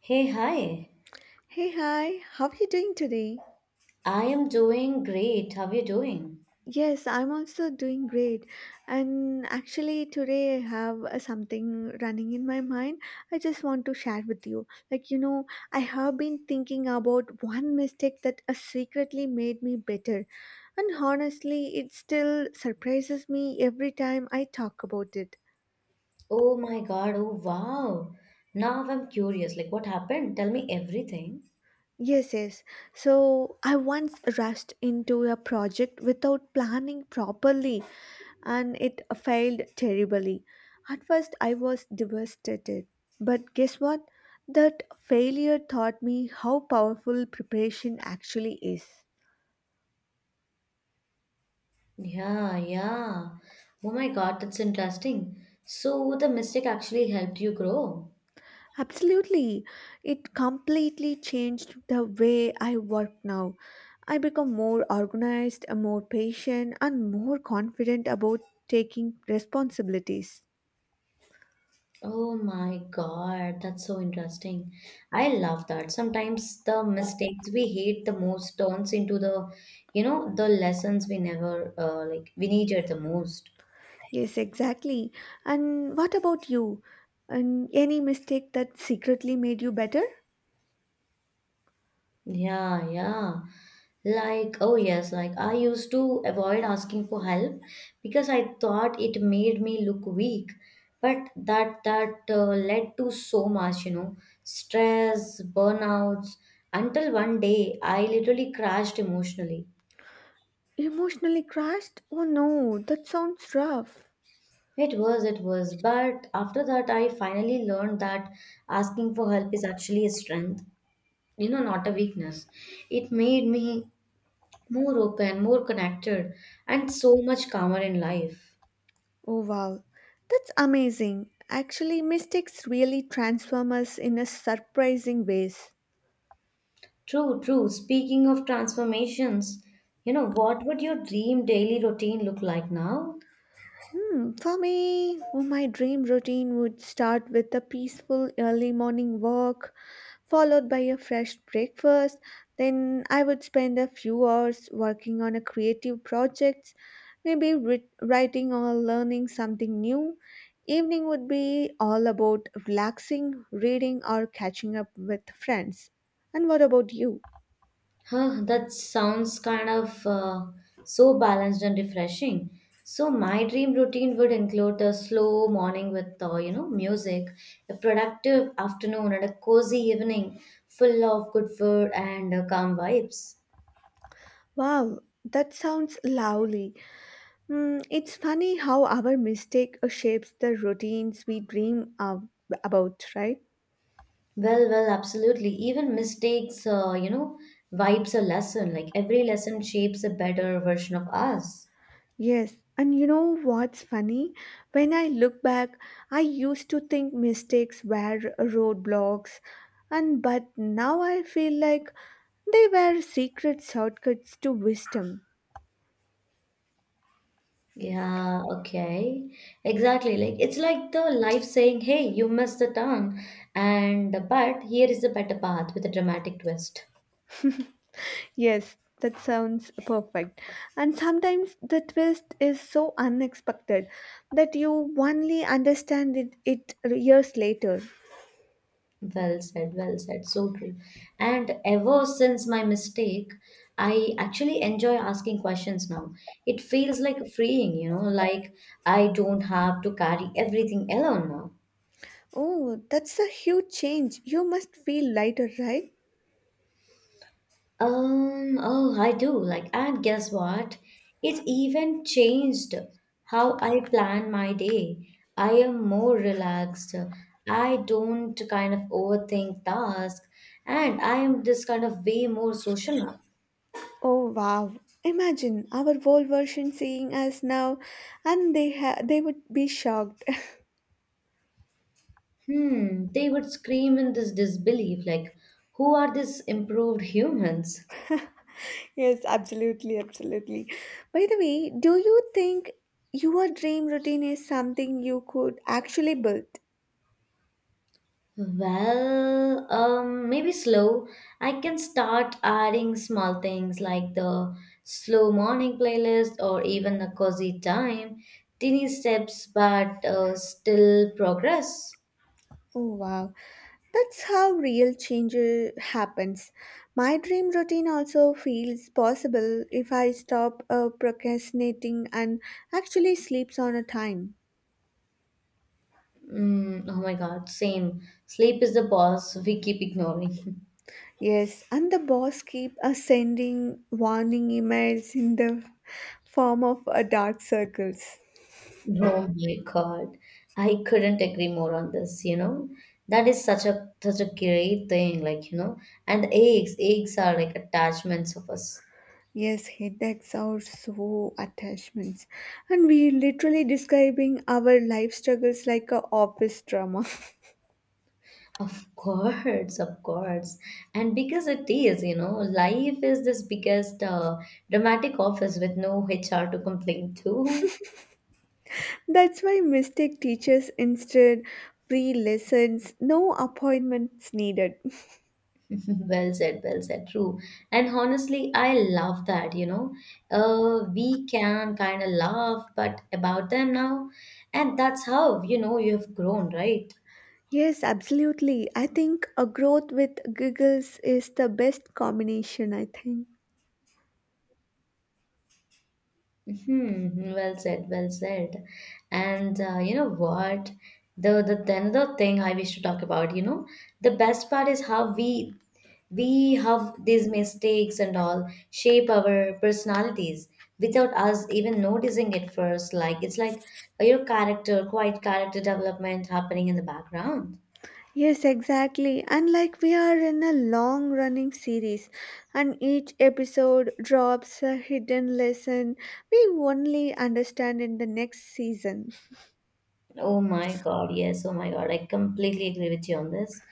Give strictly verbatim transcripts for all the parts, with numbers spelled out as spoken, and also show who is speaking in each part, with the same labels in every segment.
Speaker 1: Hey, hi.
Speaker 2: Hey, hi, how are you doing today?
Speaker 1: I am doing great. How are you doing?
Speaker 2: Yes, I'm also doing great. And actually, today I have uh, something running in my mind. I just want to share with you. Like, you know, I have been thinking about one mistake that uh, secretly made me better. And honestly, it still surprises me every time I talk about it.
Speaker 1: Oh my God. Oh, wow. Now I'm curious. Like, what happened? Tell me everything.
Speaker 2: Yes, yes. So I once rushed into a project without planning properly and it failed terribly. At first, I was devastated. But guess what? That failure taught me how powerful preparation actually is.
Speaker 1: Yeah, yeah. Oh my God. That's interesting. So, the mistake actually helped you grow.
Speaker 2: Absolutely. It completely changed the way I work now. I become more organized, more patient, and more confident about taking responsibilities.
Speaker 1: Oh my God. That's so interesting. I love that. Sometimes the mistakes we hate the most turns into the, you know, the lessons we never, uh, like, we needed the most.
Speaker 2: Yes, exactly. And what about you? And any mistake that secretly made you better?
Speaker 1: Yeah, yeah. Like, oh yes, like I used to avoid asking for help because I thought it made me look weak. But that that uh, led to so much, you know, stress, burnouts, until one day I literally crashed emotionally.
Speaker 2: Emotionally crushed? Oh no, that sounds rough.
Speaker 1: It was, it was. But after that, I finally learned that asking for help is actually a strength, you know, not a weakness. It made me more open, more connected, and so much calmer in life.
Speaker 2: Oh wow, that's amazing. Actually, mistakes really transform us in a surprising ways.
Speaker 1: True, true. Speaking of transformations, you know, what would your dream daily routine look like now?
Speaker 2: Hmm, for me, oh, my dream routine would start with a peaceful early morning walk followed by a fresh breakfast. Then I would spend a few hours working on a creative project, maybe writ- writing or learning something new. Evening would be all about relaxing, reading, or catching up with friends. And what about you?
Speaker 1: Huh, that sounds kind of uh, so balanced and refreshing. So my dream routine would include a slow morning with uh, you know music, a productive afternoon, and a cozy evening full of good food and uh, calm vibes.
Speaker 2: Wow, that sounds lovely. Hmm, it's funny how our mistake shapes the routines we dream of, about, right?
Speaker 1: Well, well, absolutely. Even mistakes, uh, you know, vibes a lesson. Like every lesson shapes a better version of us.
Speaker 2: Yes, and you know what's funny? When I look back, I used to think mistakes were roadblocks, and but now I feel like they were secret shortcuts to wisdom.
Speaker 1: Yeah, okay. Exactly. Like it's like the life saying, "Hey, you missed the turn," and but here is the better path with a dramatic twist.
Speaker 2: Yes, that sounds perfect. And sometimes the twist is so unexpected that you only understand it, it years later.
Speaker 1: Well said, well said. So true. And ever since my mistake, I actually enjoy asking questions now. It feels like freeing, you know, like I don't have to carry everything alone now.
Speaker 2: Oh, that's a huge change. You must feel lighter, right?
Speaker 1: Um, oh, I do. Like, and guess what? It even changed how I plan my day. I am more relaxed. I don't kind of overthink tasks, and I am this kind of way more social now.
Speaker 2: Oh wow! Imagine our old version seeing us now, and they ha- they would be shocked.
Speaker 1: Hmm, they would scream in this disbelief, like, who are these improved humans?
Speaker 2: yes, absolutely, absolutely. By the way, do you think your dream routine is something you could actually build?
Speaker 1: Well, um, maybe slow. I can start adding small things like the slow morning playlist or even a cozy time. Teeny steps, but uh, still progress.
Speaker 2: Oh wow! That's how real change uh, happens. My dream routine also feels possible if I stop uh, procrastinating and actually sleeps on a time.
Speaker 1: Mm, oh my God, same. Sleep is the boss we keep ignoring.
Speaker 2: Yes, and the boss keep uh, sending warning emails in the form of uh, dark circles.
Speaker 1: Oh my God. I couldn't agree more on this, you know. That is such a such a great thing, like, you know, and the eggs, eggs are like attachments of us.
Speaker 2: Yes, headaches are so attachments, and we literally describing our life struggles like a office drama.
Speaker 1: Of course, of course. And because it is, you know, life is this biggest uh, dramatic office with no H R to complain to.
Speaker 2: That's why mistake teachers instead free lessons, no appointments needed.
Speaker 1: Well said, well said, true. And honestly, I love that, you know. Uh, we can kind of laugh, but about them now. And that's how, you know, you have grown, right?
Speaker 2: Yes, absolutely. I think a growth with giggles is the best combination. I think.
Speaker 1: Hmm, well said, well said. And uh, you know what? The the the another thing I wish to talk about, you know, the best part is how we we have these mistakes and all shape our personalities without us even noticing it first. Like it's like your character, quite character development happening in the background.
Speaker 2: Yes, exactly. And like we are in a long running series, and each episode drops a hidden lesson we only understand in the next season.
Speaker 1: Oh my God, yes. Oh my God, I completely agree with you on this.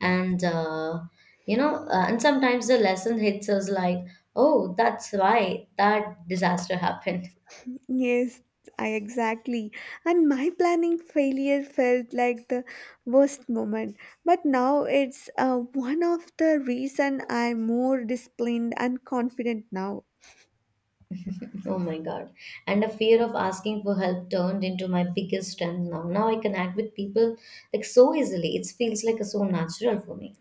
Speaker 1: And uh, you know, uh, and sometimes the lesson hits us like, oh, that's why that disaster happened.
Speaker 2: Yes, I exactly. And my planning failure felt like the worst moment, but now it's uh, one of the reason I'm more disciplined and confident now.
Speaker 1: Oh my God. And the fear of asking for help turned into my biggest strength now. Now I connect with people like so easily. It feels like so natural for me.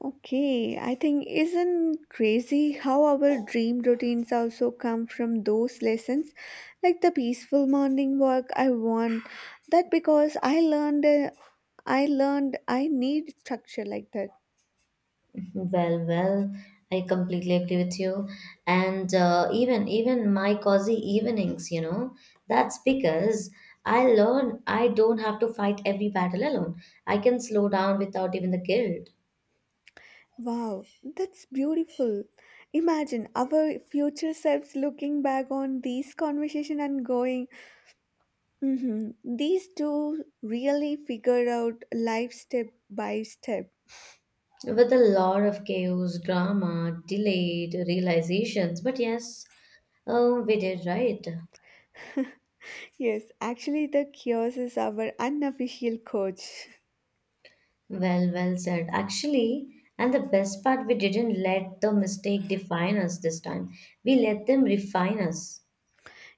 Speaker 2: Okay, I think isn't crazy how our dream routines also come from those lessons, like the peaceful morning walk I want. That because I learned, uh, I learned I need structure like that.
Speaker 1: Well, well, I completely agree with you. And uh, even even my cozy evenings, you know, that's because I learn I don't have to fight every battle alone. I can slow down without even the guilt.
Speaker 2: Wow, that's beautiful. Imagine our future selves looking back on these conversation and going, mm-hmm, these two really figured out life step by step.
Speaker 1: With a lot of chaos, drama, delayed realizations. But yes, oh, we did right.
Speaker 2: Yes, actually, the chaos is our unofficial coach.
Speaker 1: Well, well said. Actually, and the best part, we didn't let the mistake define us this time. We let them refine us.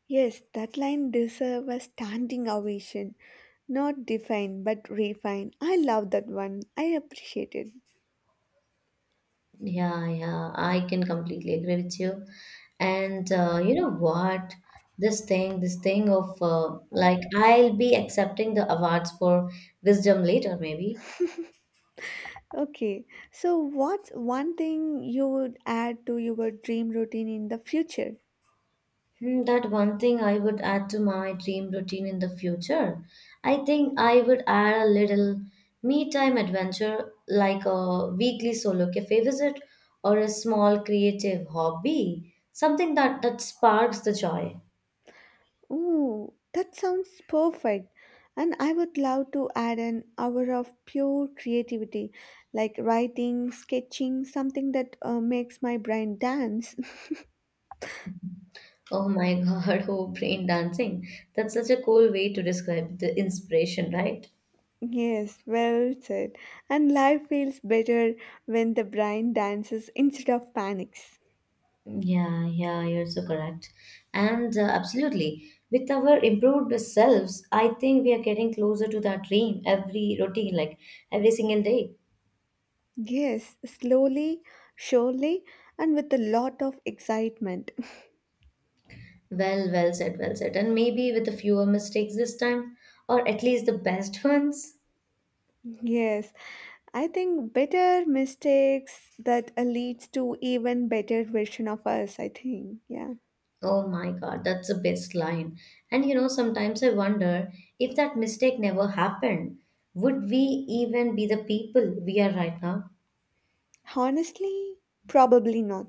Speaker 2: Yes, that line deserves a standing ovation. Not define, but refine. I love that one. I appreciate it.
Speaker 1: Yeah, yeah, I can completely agree with you. And uh, you know what? This thing, this thing of uh, like, I'll be accepting the awards for wisdom later, maybe.
Speaker 2: Okay, so what's one thing you would add to your dream routine in the future?
Speaker 1: Hmm, that one thing I would add to my dream routine in the future. I think I would add a little me time adventure like a weekly solo cafe visit or a small creative hobby, something that that sparks the joy.
Speaker 2: Ooh, that sounds perfect. And I would love to add an hour of pure creativity, like writing, sketching, something that uh, makes my brain dance.
Speaker 1: Oh my God, oh brain dancing. That's such a cool way to describe the inspiration, right?
Speaker 2: Yes, well said. And life feels better when the brain dances instead of panics.
Speaker 1: Yeah, yeah, you're so correct. And uh, absolutely, with our improved selves, I think we are getting closer to that dream every routine, like every single day.
Speaker 2: Yes, slowly, surely, and with a lot of excitement.
Speaker 1: Well, well said, well said. And maybe with a fewer mistakes this time, or at least the best ones.
Speaker 2: Yes, I think better mistakes that uh, leads to even better version of us, I think. Yeah.
Speaker 1: Oh my God, that's the best line. And you know, sometimes I wonder if that mistake never happened, would we even be the people we are right now?
Speaker 2: Honestly, probably not.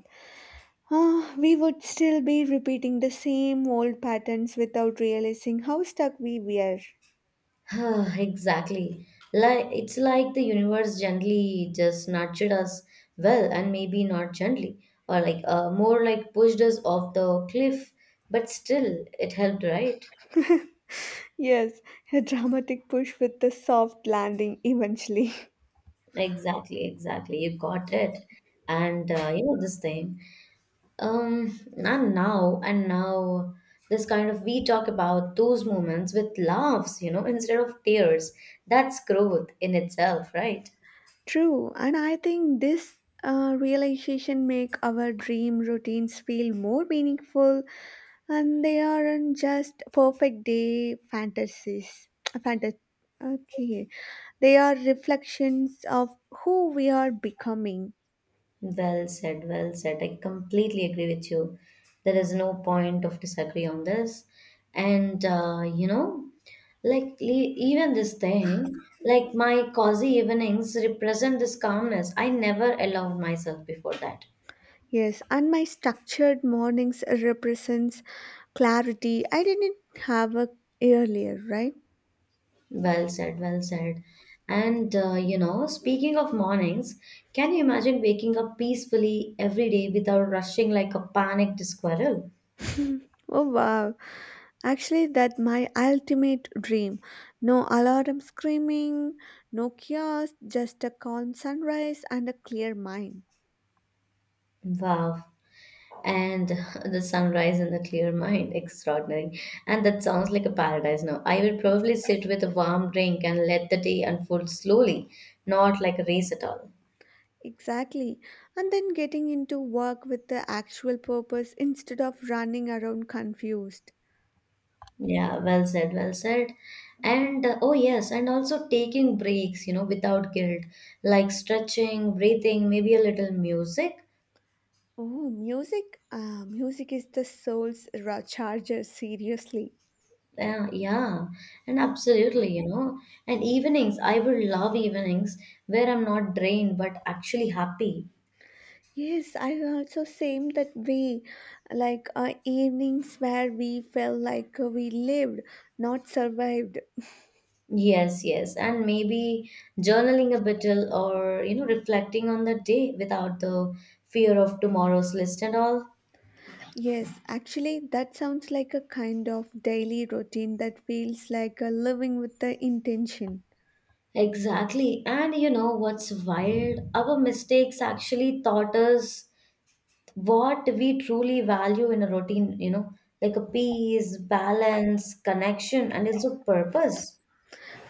Speaker 2: Ah, we would still be repeating the same old patterns without realizing how stuck we were.
Speaker 1: Exactly. Like it's like the universe gently just nurtured us well, and maybe not gently, or like uh, more like pushed us off the cliff, but still it helped, right?
Speaker 2: Yes, a dramatic push with the soft landing eventually.
Speaker 1: Exactly, exactly. You got it. And uh, you know this thing. Um, and now, and now, this kind of we talk about those moments with laughs, you know, instead of tears. That's growth in itself, right?
Speaker 2: True, and I think this uh, realization make our dream routines feel more meaningful and they aren't just perfect day fantasies. Fanta- okay, they are reflections of who we are becoming.
Speaker 1: Well said, well said. I completely agree with you. There is no point of disagree on this. And, uh, you know, like le- even this thing, like my cozy evenings represent this calmness. I never allowed myself before that.
Speaker 2: Yes, and my structured mornings represents clarity I didn't have a earlier, right?
Speaker 1: Well said, well said. And uh, you know, speaking of mornings, can you imagine waking up peacefully every day without rushing like a panicked squirrel?
Speaker 2: Oh wow. Actually, that my ultimate dream. No alarm screaming, no kiosk, just a calm sunrise and a clear mind.
Speaker 1: Wow. And the sunrise and the clear mind, extraordinary. And that sounds like a paradise now. I will probably sit with a warm drink and let the day unfold slowly, not like a race at all.
Speaker 2: Exactly. And then getting into work with the actual purpose instead of running around confused.
Speaker 1: Yeah, well said, well said. And uh, oh, yes, and also taking breaks, you know, without guilt, like stretching, breathing, maybe a little music.
Speaker 2: Oh, music? Ah, music is the soul's ra- charger, seriously.
Speaker 1: Yeah, yeah, and absolutely, you know. And evenings, I would love evenings where I'm not drained but actually happy.
Speaker 2: Yes, I also same that way. Like uh, evenings where we felt like uh, we lived, not survived.
Speaker 1: Yes, yes, and maybe journaling a bit or, you know, reflecting on the day without the fear of tomorrow's list and all.
Speaker 2: Yes, actually, that sounds like a kind of daily routine that feels like a living with the intention.
Speaker 1: Exactly. And you know what's wild? Our mistakes actually taught us what we truly value in a routine, you know, like a peace, balance, connection, and also purpose.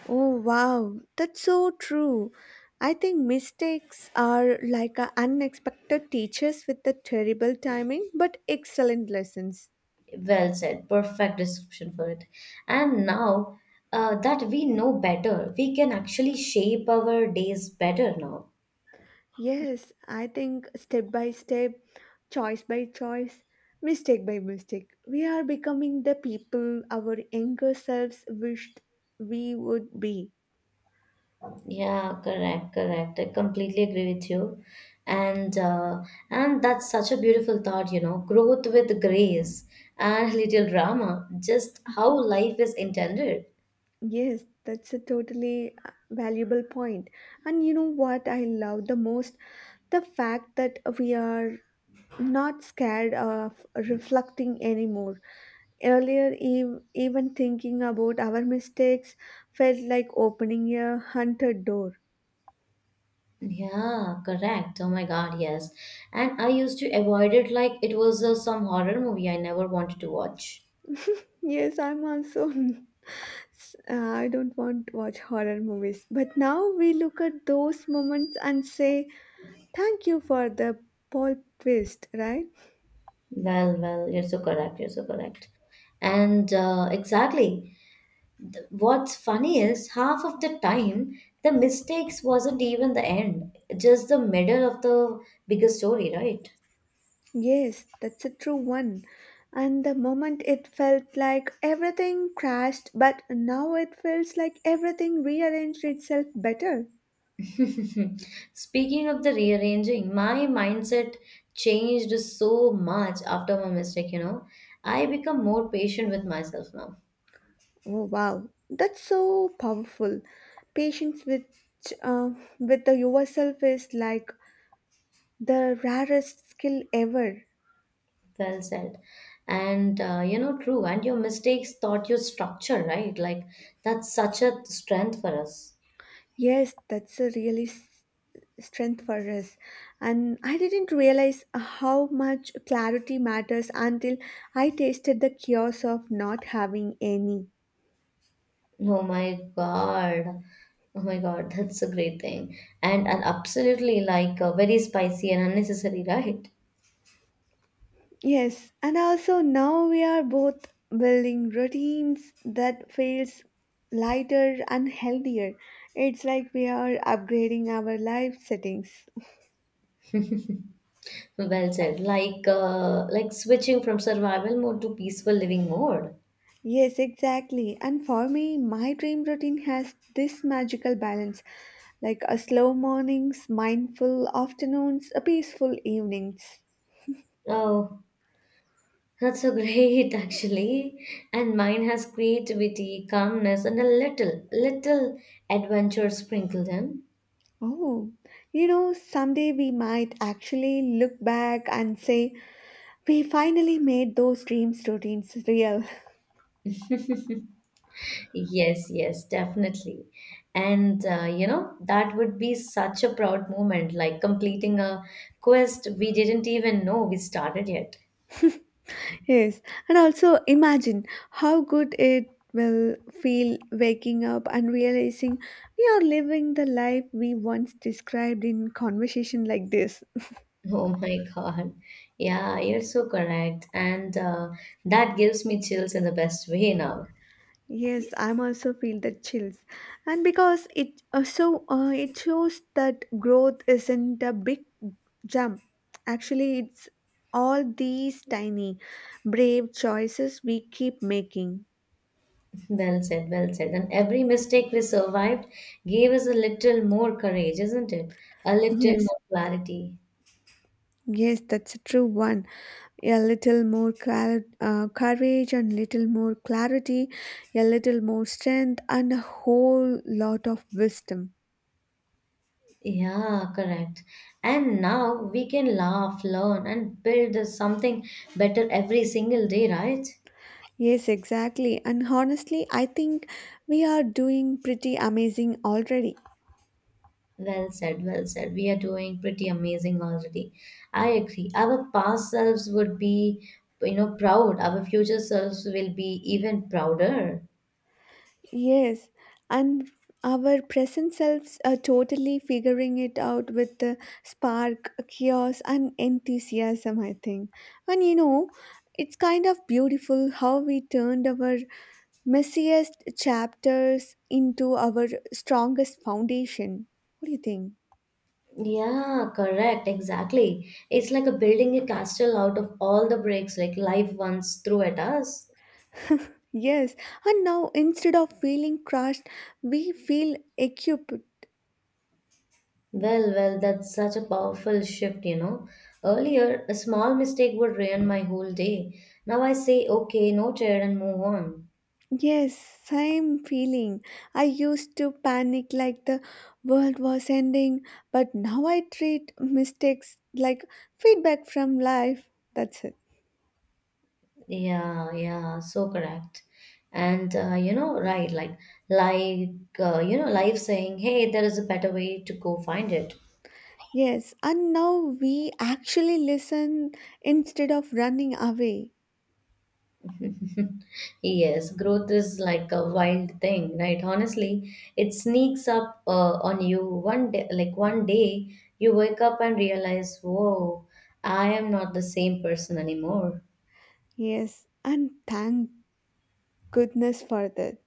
Speaker 2: Oh, wow, that's so true. I think mistakes are like a unexpected teachers with the terrible timing but excellent lessons.
Speaker 1: Well said. Perfect description for it. And now uh, that we know better, we can actually shape our days better now.
Speaker 2: Yes, I think step by step, choice by choice, mistake by mistake, we are becoming the people our younger selves wished we would be.
Speaker 1: Yeah, correct, correct. I completely agree with you. And uh, and that's such a beautiful thought, you know, growth with grace and little drama, just how life is intended.
Speaker 2: Yes, that's a totally uh, valuable point. And you know what I love the most? The fact that we are not scared of reflecting anymore. Earlier, ev- even thinking about our mistakes felt like opening a haunted door.
Speaker 1: Yeah, correct. Oh my God, yes. And I used to avoid it like it was uh, some horror movie I never wanted to watch.
Speaker 2: Yes, I'm also. s- uh, I don't want to watch horror movies. But now we look at those moments and say, thank you for the plot twist, right?
Speaker 1: Well, well, you're so correct. You're so correct. And uh, exactly. What's funny is half of the time the mistakes wasn't even the end, just the middle of the bigger story, right?
Speaker 2: Yes, that's a true one. And the moment it felt like everything crashed, but now it feels like everything rearranged itself better.
Speaker 1: Speaking of the rearranging, my mindset changed so much after my mistake, you know. I become more patient with myself now.
Speaker 2: Oh wow, that's so powerful. Patience with uh, with the yourself is like the rarest skill ever.
Speaker 1: Well said. And uh, you know, true. And your mistakes taught you structure, right? Like that's such a strength for us.
Speaker 2: Yes, that's a really s- strength for us. And I didn't realize how much clarity matters until I tasted the chaos of not having any.
Speaker 1: Oh my God. Oh my God, that's a great thing. And and absolutely like uh, very spicy and unnecessary, right?
Speaker 2: Yes, and also now we are both building routines that feels lighter and healthier. It's like we are upgrading our life settings.
Speaker 1: Well said. Like uh, like switching from survival mode to peaceful living mode.
Speaker 2: Yes, exactly. And for me, my dream routine has this magical balance like a slow mornings, mindful afternoons, a peaceful evenings.
Speaker 1: Oh, that's so great actually. And mine has creativity, calmness, and a little little adventure sprinkled in.
Speaker 2: Oh, you know, someday we might actually look back and say, we finally made those dreams routines real.
Speaker 1: Yes, yes, definitely. And uh, you know, that would be such a proud moment, like completing a quest we didn't even know we started yet.
Speaker 2: Yes, and also imagine how good it will feel waking up and realizing we are living the life we once described in conversation like this.
Speaker 1: Oh my God. Yeah, you're so correct. And uh, that gives me chills in the best way now.
Speaker 2: Yes, I'm also feel the chills, and because it also uh, it shows that growth isn't a big jump. Actually, it's all these tiny, brave choices we keep making.
Speaker 1: Well said, well said. And every mistake we survived gave us a little more courage, isn't it? A little
Speaker 2: Yes,
Speaker 1: more clarity.
Speaker 2: Yes, that's a true one. A little more clar- uh, courage and little more clarity, a little more strength, and a whole lot of wisdom.
Speaker 1: Yeah, correct. And now we can laugh, learn, and build a something better every single day, right?
Speaker 2: Yes, exactly. And honestly, I think we are doing pretty amazing already.
Speaker 1: Well said, well said. We are doing pretty amazing already. I agree. Our past selves would be, you know, proud. Our future selves will be even prouder.
Speaker 2: Yes, and our present selves are totally figuring it out with the spark, chaos, and enthusiasm, I think. And you know, it's kind of beautiful how we turned our messiest chapters into our strongest foundation. What do you think?
Speaker 1: Yeah, correct. Exactly. It's like a building a castle out of all the bricks like life once threw at us.
Speaker 2: Yes, and now instead of feeling crushed, we feel equipped.
Speaker 1: Well, well, that's such a powerful shift, you know. Earlier, a small mistake would ruin my whole day. Now I say, okay, noted, and move on.
Speaker 2: Yes, same feeling. I used to panic like the world was ending, but now I treat mistakes like feedback from life. That's it.
Speaker 1: Yeah, yeah, so correct. And, uh, you know, right, like, like, uh, you know, life saying, hey, there is a better way to go find it.
Speaker 2: Yes, and now we actually listen instead of running away.
Speaker 1: Yes, growth is like a wild thing, right? Honestly, it sneaks up uh, on you one day, like one day you wake up and realize, whoa, I am not the same person anymore.
Speaker 2: Yes, and thank goodness for that.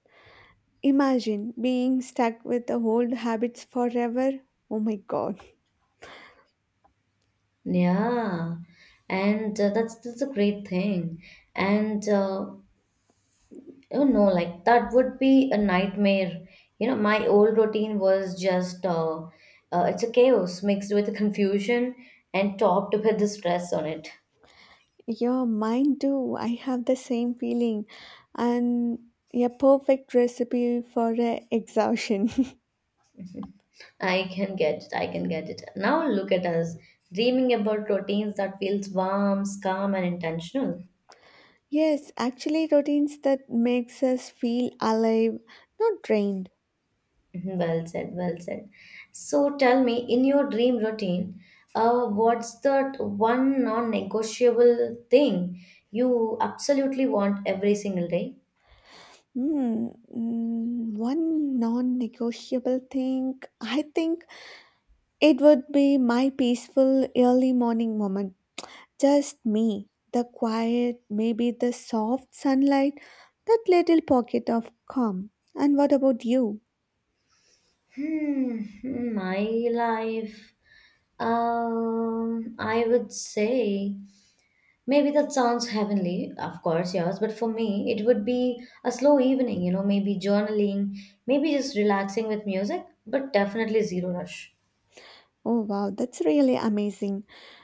Speaker 2: Imagine being stuck with the old habits forever. Oh my god.
Speaker 1: Yeah, and uh, that's that's a great thing. And uh, You know, like that would be a nightmare. You know, my old routine was just uh, uh, it's a chaos mixed with confusion and topped with the stress on it.
Speaker 2: Yeah, mine too. I have the same feeling. And a perfect recipe for uh, exhaustion.
Speaker 1: I can get it. I can get it. Now look at us, dreaming about routines that feels warm, calm, and intentional.
Speaker 2: yes, actually routines that makes us feel alive, not drained.
Speaker 1: Mhm. Well said. Well said. So tell me, in your dream routine, uh, what's that one non-negotiable thing you absolutely want every single day?
Speaker 2: Hmm, mm, one non-negotiable thing, I think it would be my peaceful early morning moment. Just me, the quiet, maybe the soft sunlight, that little pocket of calm. And what about you?
Speaker 1: Hmm, hmm, my life. Um, I would say. Maybe that sounds heavenly, of course, yes, but for me, it would be a slow evening, you know, maybe journaling, maybe just relaxing with music, but definitely zero rush.
Speaker 2: Oh wow, that's really amazing.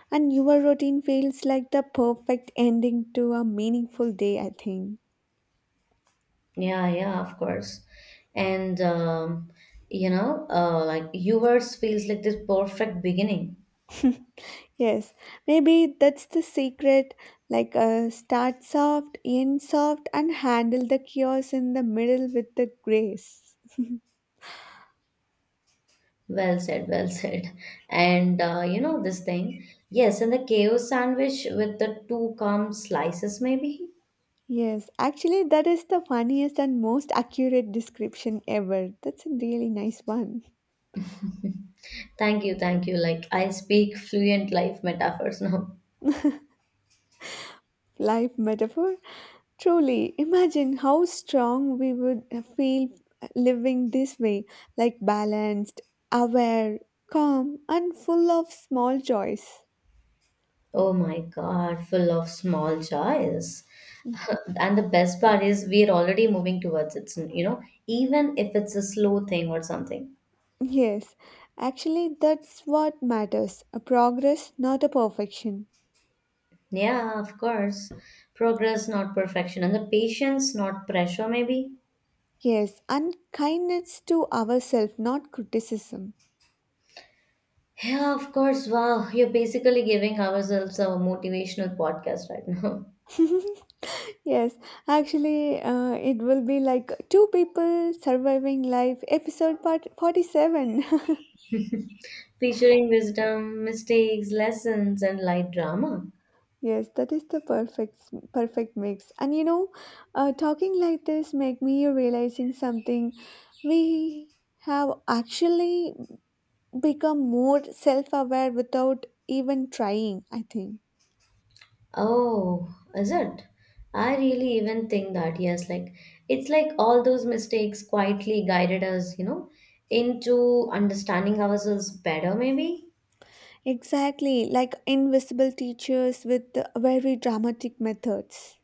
Speaker 2: And your routine feels like the perfect ending to a meaningful day, I think.
Speaker 1: Yeah, yeah, of course. And, um, you know, uh, like yours feels like this perfect beginning.
Speaker 2: Yes, maybe that's the secret like uh, start soft, end soft, and handle the chaos in the middle with the grace.
Speaker 1: Well said, well said. And, uh, you know, this thing. Yes, and the chaos sandwich with the two calm slices, maybe.
Speaker 2: Yes, actually, that is the funniest and most accurate description ever. That's a really nice one.
Speaker 1: Thank you, thank you. Like, I speak fluent life metaphors now.
Speaker 2: Life metaphor. Truly, imagine how strong we would feel living this way like balanced, aware, calm, and full of small joys.
Speaker 1: Oh my God, full of small joys. And the best part is we're already moving towards it, you know, even if it's a slow thing or something.
Speaker 2: Yes, actually, that's what matters a progress, not a perfection.
Speaker 1: Yeah, of course. Progress, not perfection. And the patience, not pressure, maybe.
Speaker 2: Yes, and kindness to ourselves, not criticism.
Speaker 1: Yeah, of course. Wow, you're basically giving ourselves a motivational podcast right now,
Speaker 2: Yes, actually, uh, it will be like two people surviving life, episode part forty-seven.
Speaker 1: featuring wisdom, mistakes, lessons, and light drama.
Speaker 2: yes, that is the perfect perfect mix. And you know, uh, talking like this make me realizing something. We have actually become more self-aware without even trying. I think
Speaker 1: Oh, is it? I really even think that, yes, like it's like all those mistakes quietly guided us, you know, into understanding ourselves better, maybe.
Speaker 2: exactly like invisible teachers with very dramatic methods.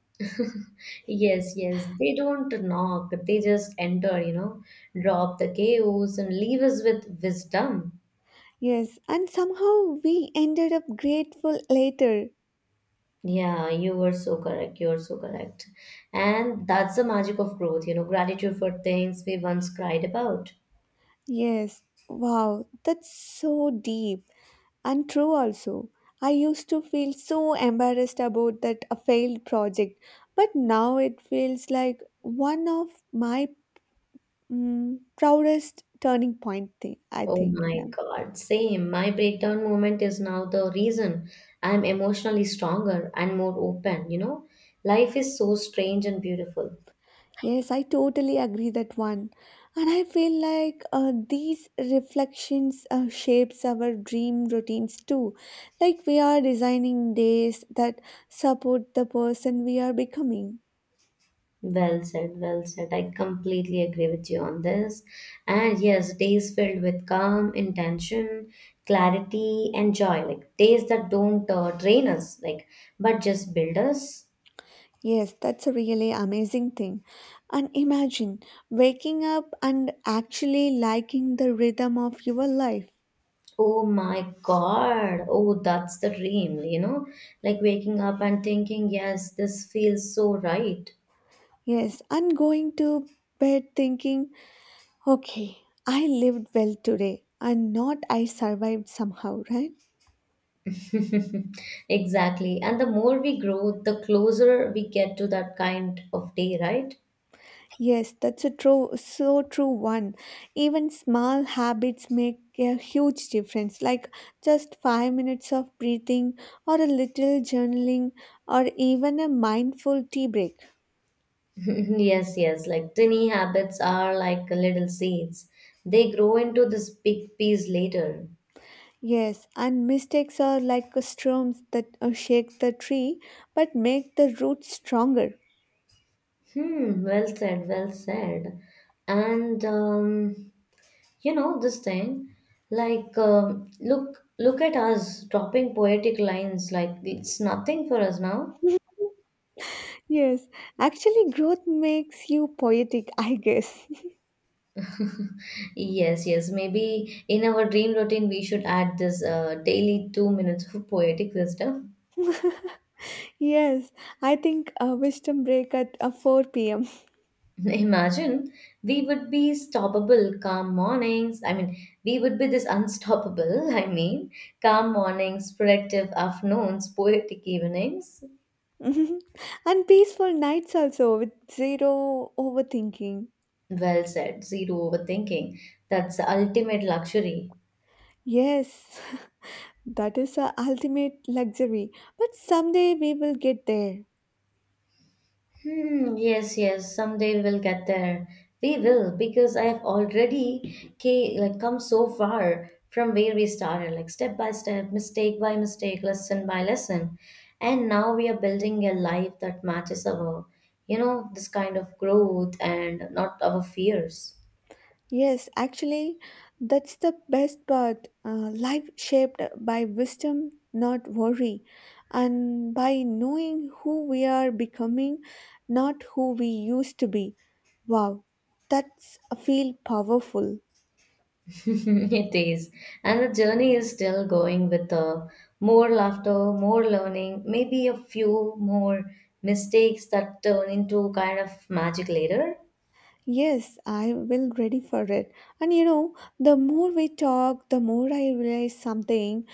Speaker 1: Yes, yes, they don't knock, they just enter, you know, drop the chaos and leave us with wisdom.
Speaker 2: Yes, and somehow we ended up grateful later.
Speaker 1: Yeah, you were so correct. You are so correct. And that's the magic of growth, you know, gratitude for things we once cried about.
Speaker 2: Yes, wow, that's so deep and true also. I used to feel so embarrassed about that a failed project, but now it feels like one of my mm, proudest turning point thing, I
Speaker 1: Oh
Speaker 2: think.
Speaker 1: my
Speaker 2: Yeah.
Speaker 1: God, same. My breakdown moment is now the reason I'm emotionally stronger and more open, you know? Life is so strange and beautiful.
Speaker 2: Yes, I totally agree that one. And I feel like uh, these reflections uh, shapes our dream routines too. Like we are designing days that support the person we are becoming.
Speaker 1: Well said, well said. I completely agree with you on this. And yes, days filled with calm, intention, clarity, and joy. Like days that don't uh, drain us, like, but just build us.
Speaker 2: Yes, that's a really amazing thing. And imagine waking up and actually liking the rhythm of your life.
Speaker 1: Oh my God. Oh, that's the dream, you know? Like waking up and thinking, yes, this feels so right.
Speaker 2: Yes, and going to bed thinking, okay, I lived well today and not I survived somehow, right?
Speaker 1: Exactly. And the more we grow, the closer we get to that kind of day, right?
Speaker 2: Yes, that's a true, so true one. Even small habits make a huge difference, like just five minutes of breathing or a little journaling or even a mindful tea break.
Speaker 1: Yes, yes. Like tiny habits are like little seeds. They grow into this big piece later.
Speaker 2: Yes, and mistakes are like storms that uh, shake the tree but make the roots stronger.
Speaker 1: Hmm, well said, well said. And um, you know this thing like um, look look at us dropping poetic lines like it's nothing for us now.
Speaker 2: Yes, actually, growth makes you poetic, I guess.
Speaker 1: Yes, yes, maybe in our dream routine we should add this uh, daily two minutes of poetic wisdom.
Speaker 2: Yes, I think a wisdom break at uh, four p m.
Speaker 1: Imagine we would be stoppable calm mornings i mean we would be this unstoppable. i mean calm mornings, productive afternoons, poetic evenings.
Speaker 2: and peaceful nights also with zero overthinking.
Speaker 1: Well said, zero overthinking. That's the ultimate luxury.
Speaker 2: Yes, that is a ultimate luxury. But someday we will get there.
Speaker 1: Hmm, yes, yes, someday we'll get there. We will, because I have already ca- like come so far from where we started, like step by step, mistake by mistake, lesson by lesson. And now we are building a life that matches our, you know, this kind of growth and not our fears.
Speaker 2: Yes, actually, that's the best part. Uh, life shaped by wisdom, not worry, and by knowing who we are becoming, not who we used to be. Wow, that's a feel powerful.
Speaker 1: It is. And the journey is still going with uh, more laughter, more learning, maybe a few more mistakes that turn into kind of magic later.
Speaker 2: Yes, I will ready for it. And you know, the more we talk, the more I realize something.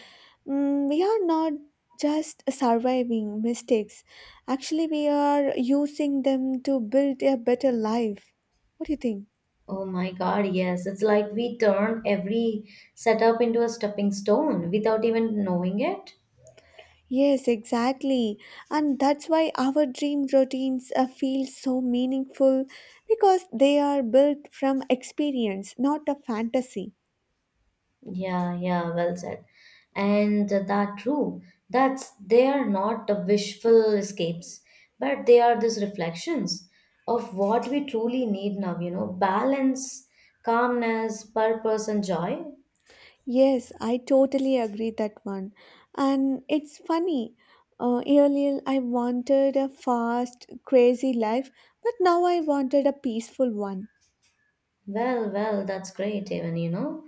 Speaker 2: Mm, we are not just surviving mistakes. Actually, we are using them to build a better life. What do you think?
Speaker 1: Oh my God, yes. It's like we turned every setup into a stepping stone without even knowing it.
Speaker 2: Yes, exactly. And that's why our dream routines uh, feel so meaningful because they are built from experience, not a fantasy.
Speaker 1: Yeah, yeah, well said. And that true. That's they are not the wishful escapes, but they are these reflections of what we truly need now, you know, balance, calmness, purpose, and joy.
Speaker 2: Yes, I totally agree that one. And it's funny. Uh, earlier, I wanted a fast, crazy life, but now I wanted a peaceful one.
Speaker 1: Well, well, that's great, even, you know.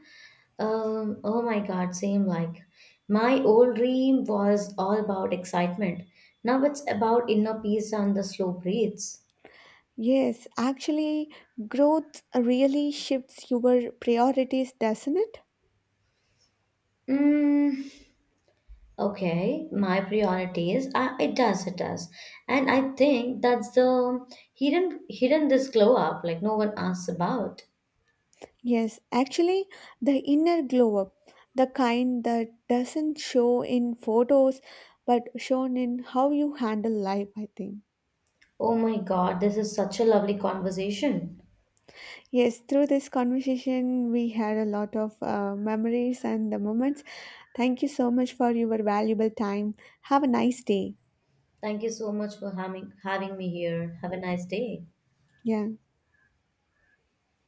Speaker 1: Um, oh my God, same, like my old dream was all about excitement. Now it's about inner peace and the slow breaths.
Speaker 2: Yes, actually, growth really shifts your priorities, doesn't it?
Speaker 1: Mm. Okay, my priorities. I, it does, it does, and I think that's the hidden hidden this glow up like no one asks about.
Speaker 2: Yes, actually, the inner glow up, the kind that doesn't show in photos but shown in how you handle life, I think.
Speaker 1: Oh my God, this is such a lovely conversation.
Speaker 2: Yes, through this conversation, we had a lot of uh, memories and the moments. Thank you so much for your valuable time. Have a nice day.
Speaker 1: Thank you so much for having having me here. Have a nice day.
Speaker 2: Yeah.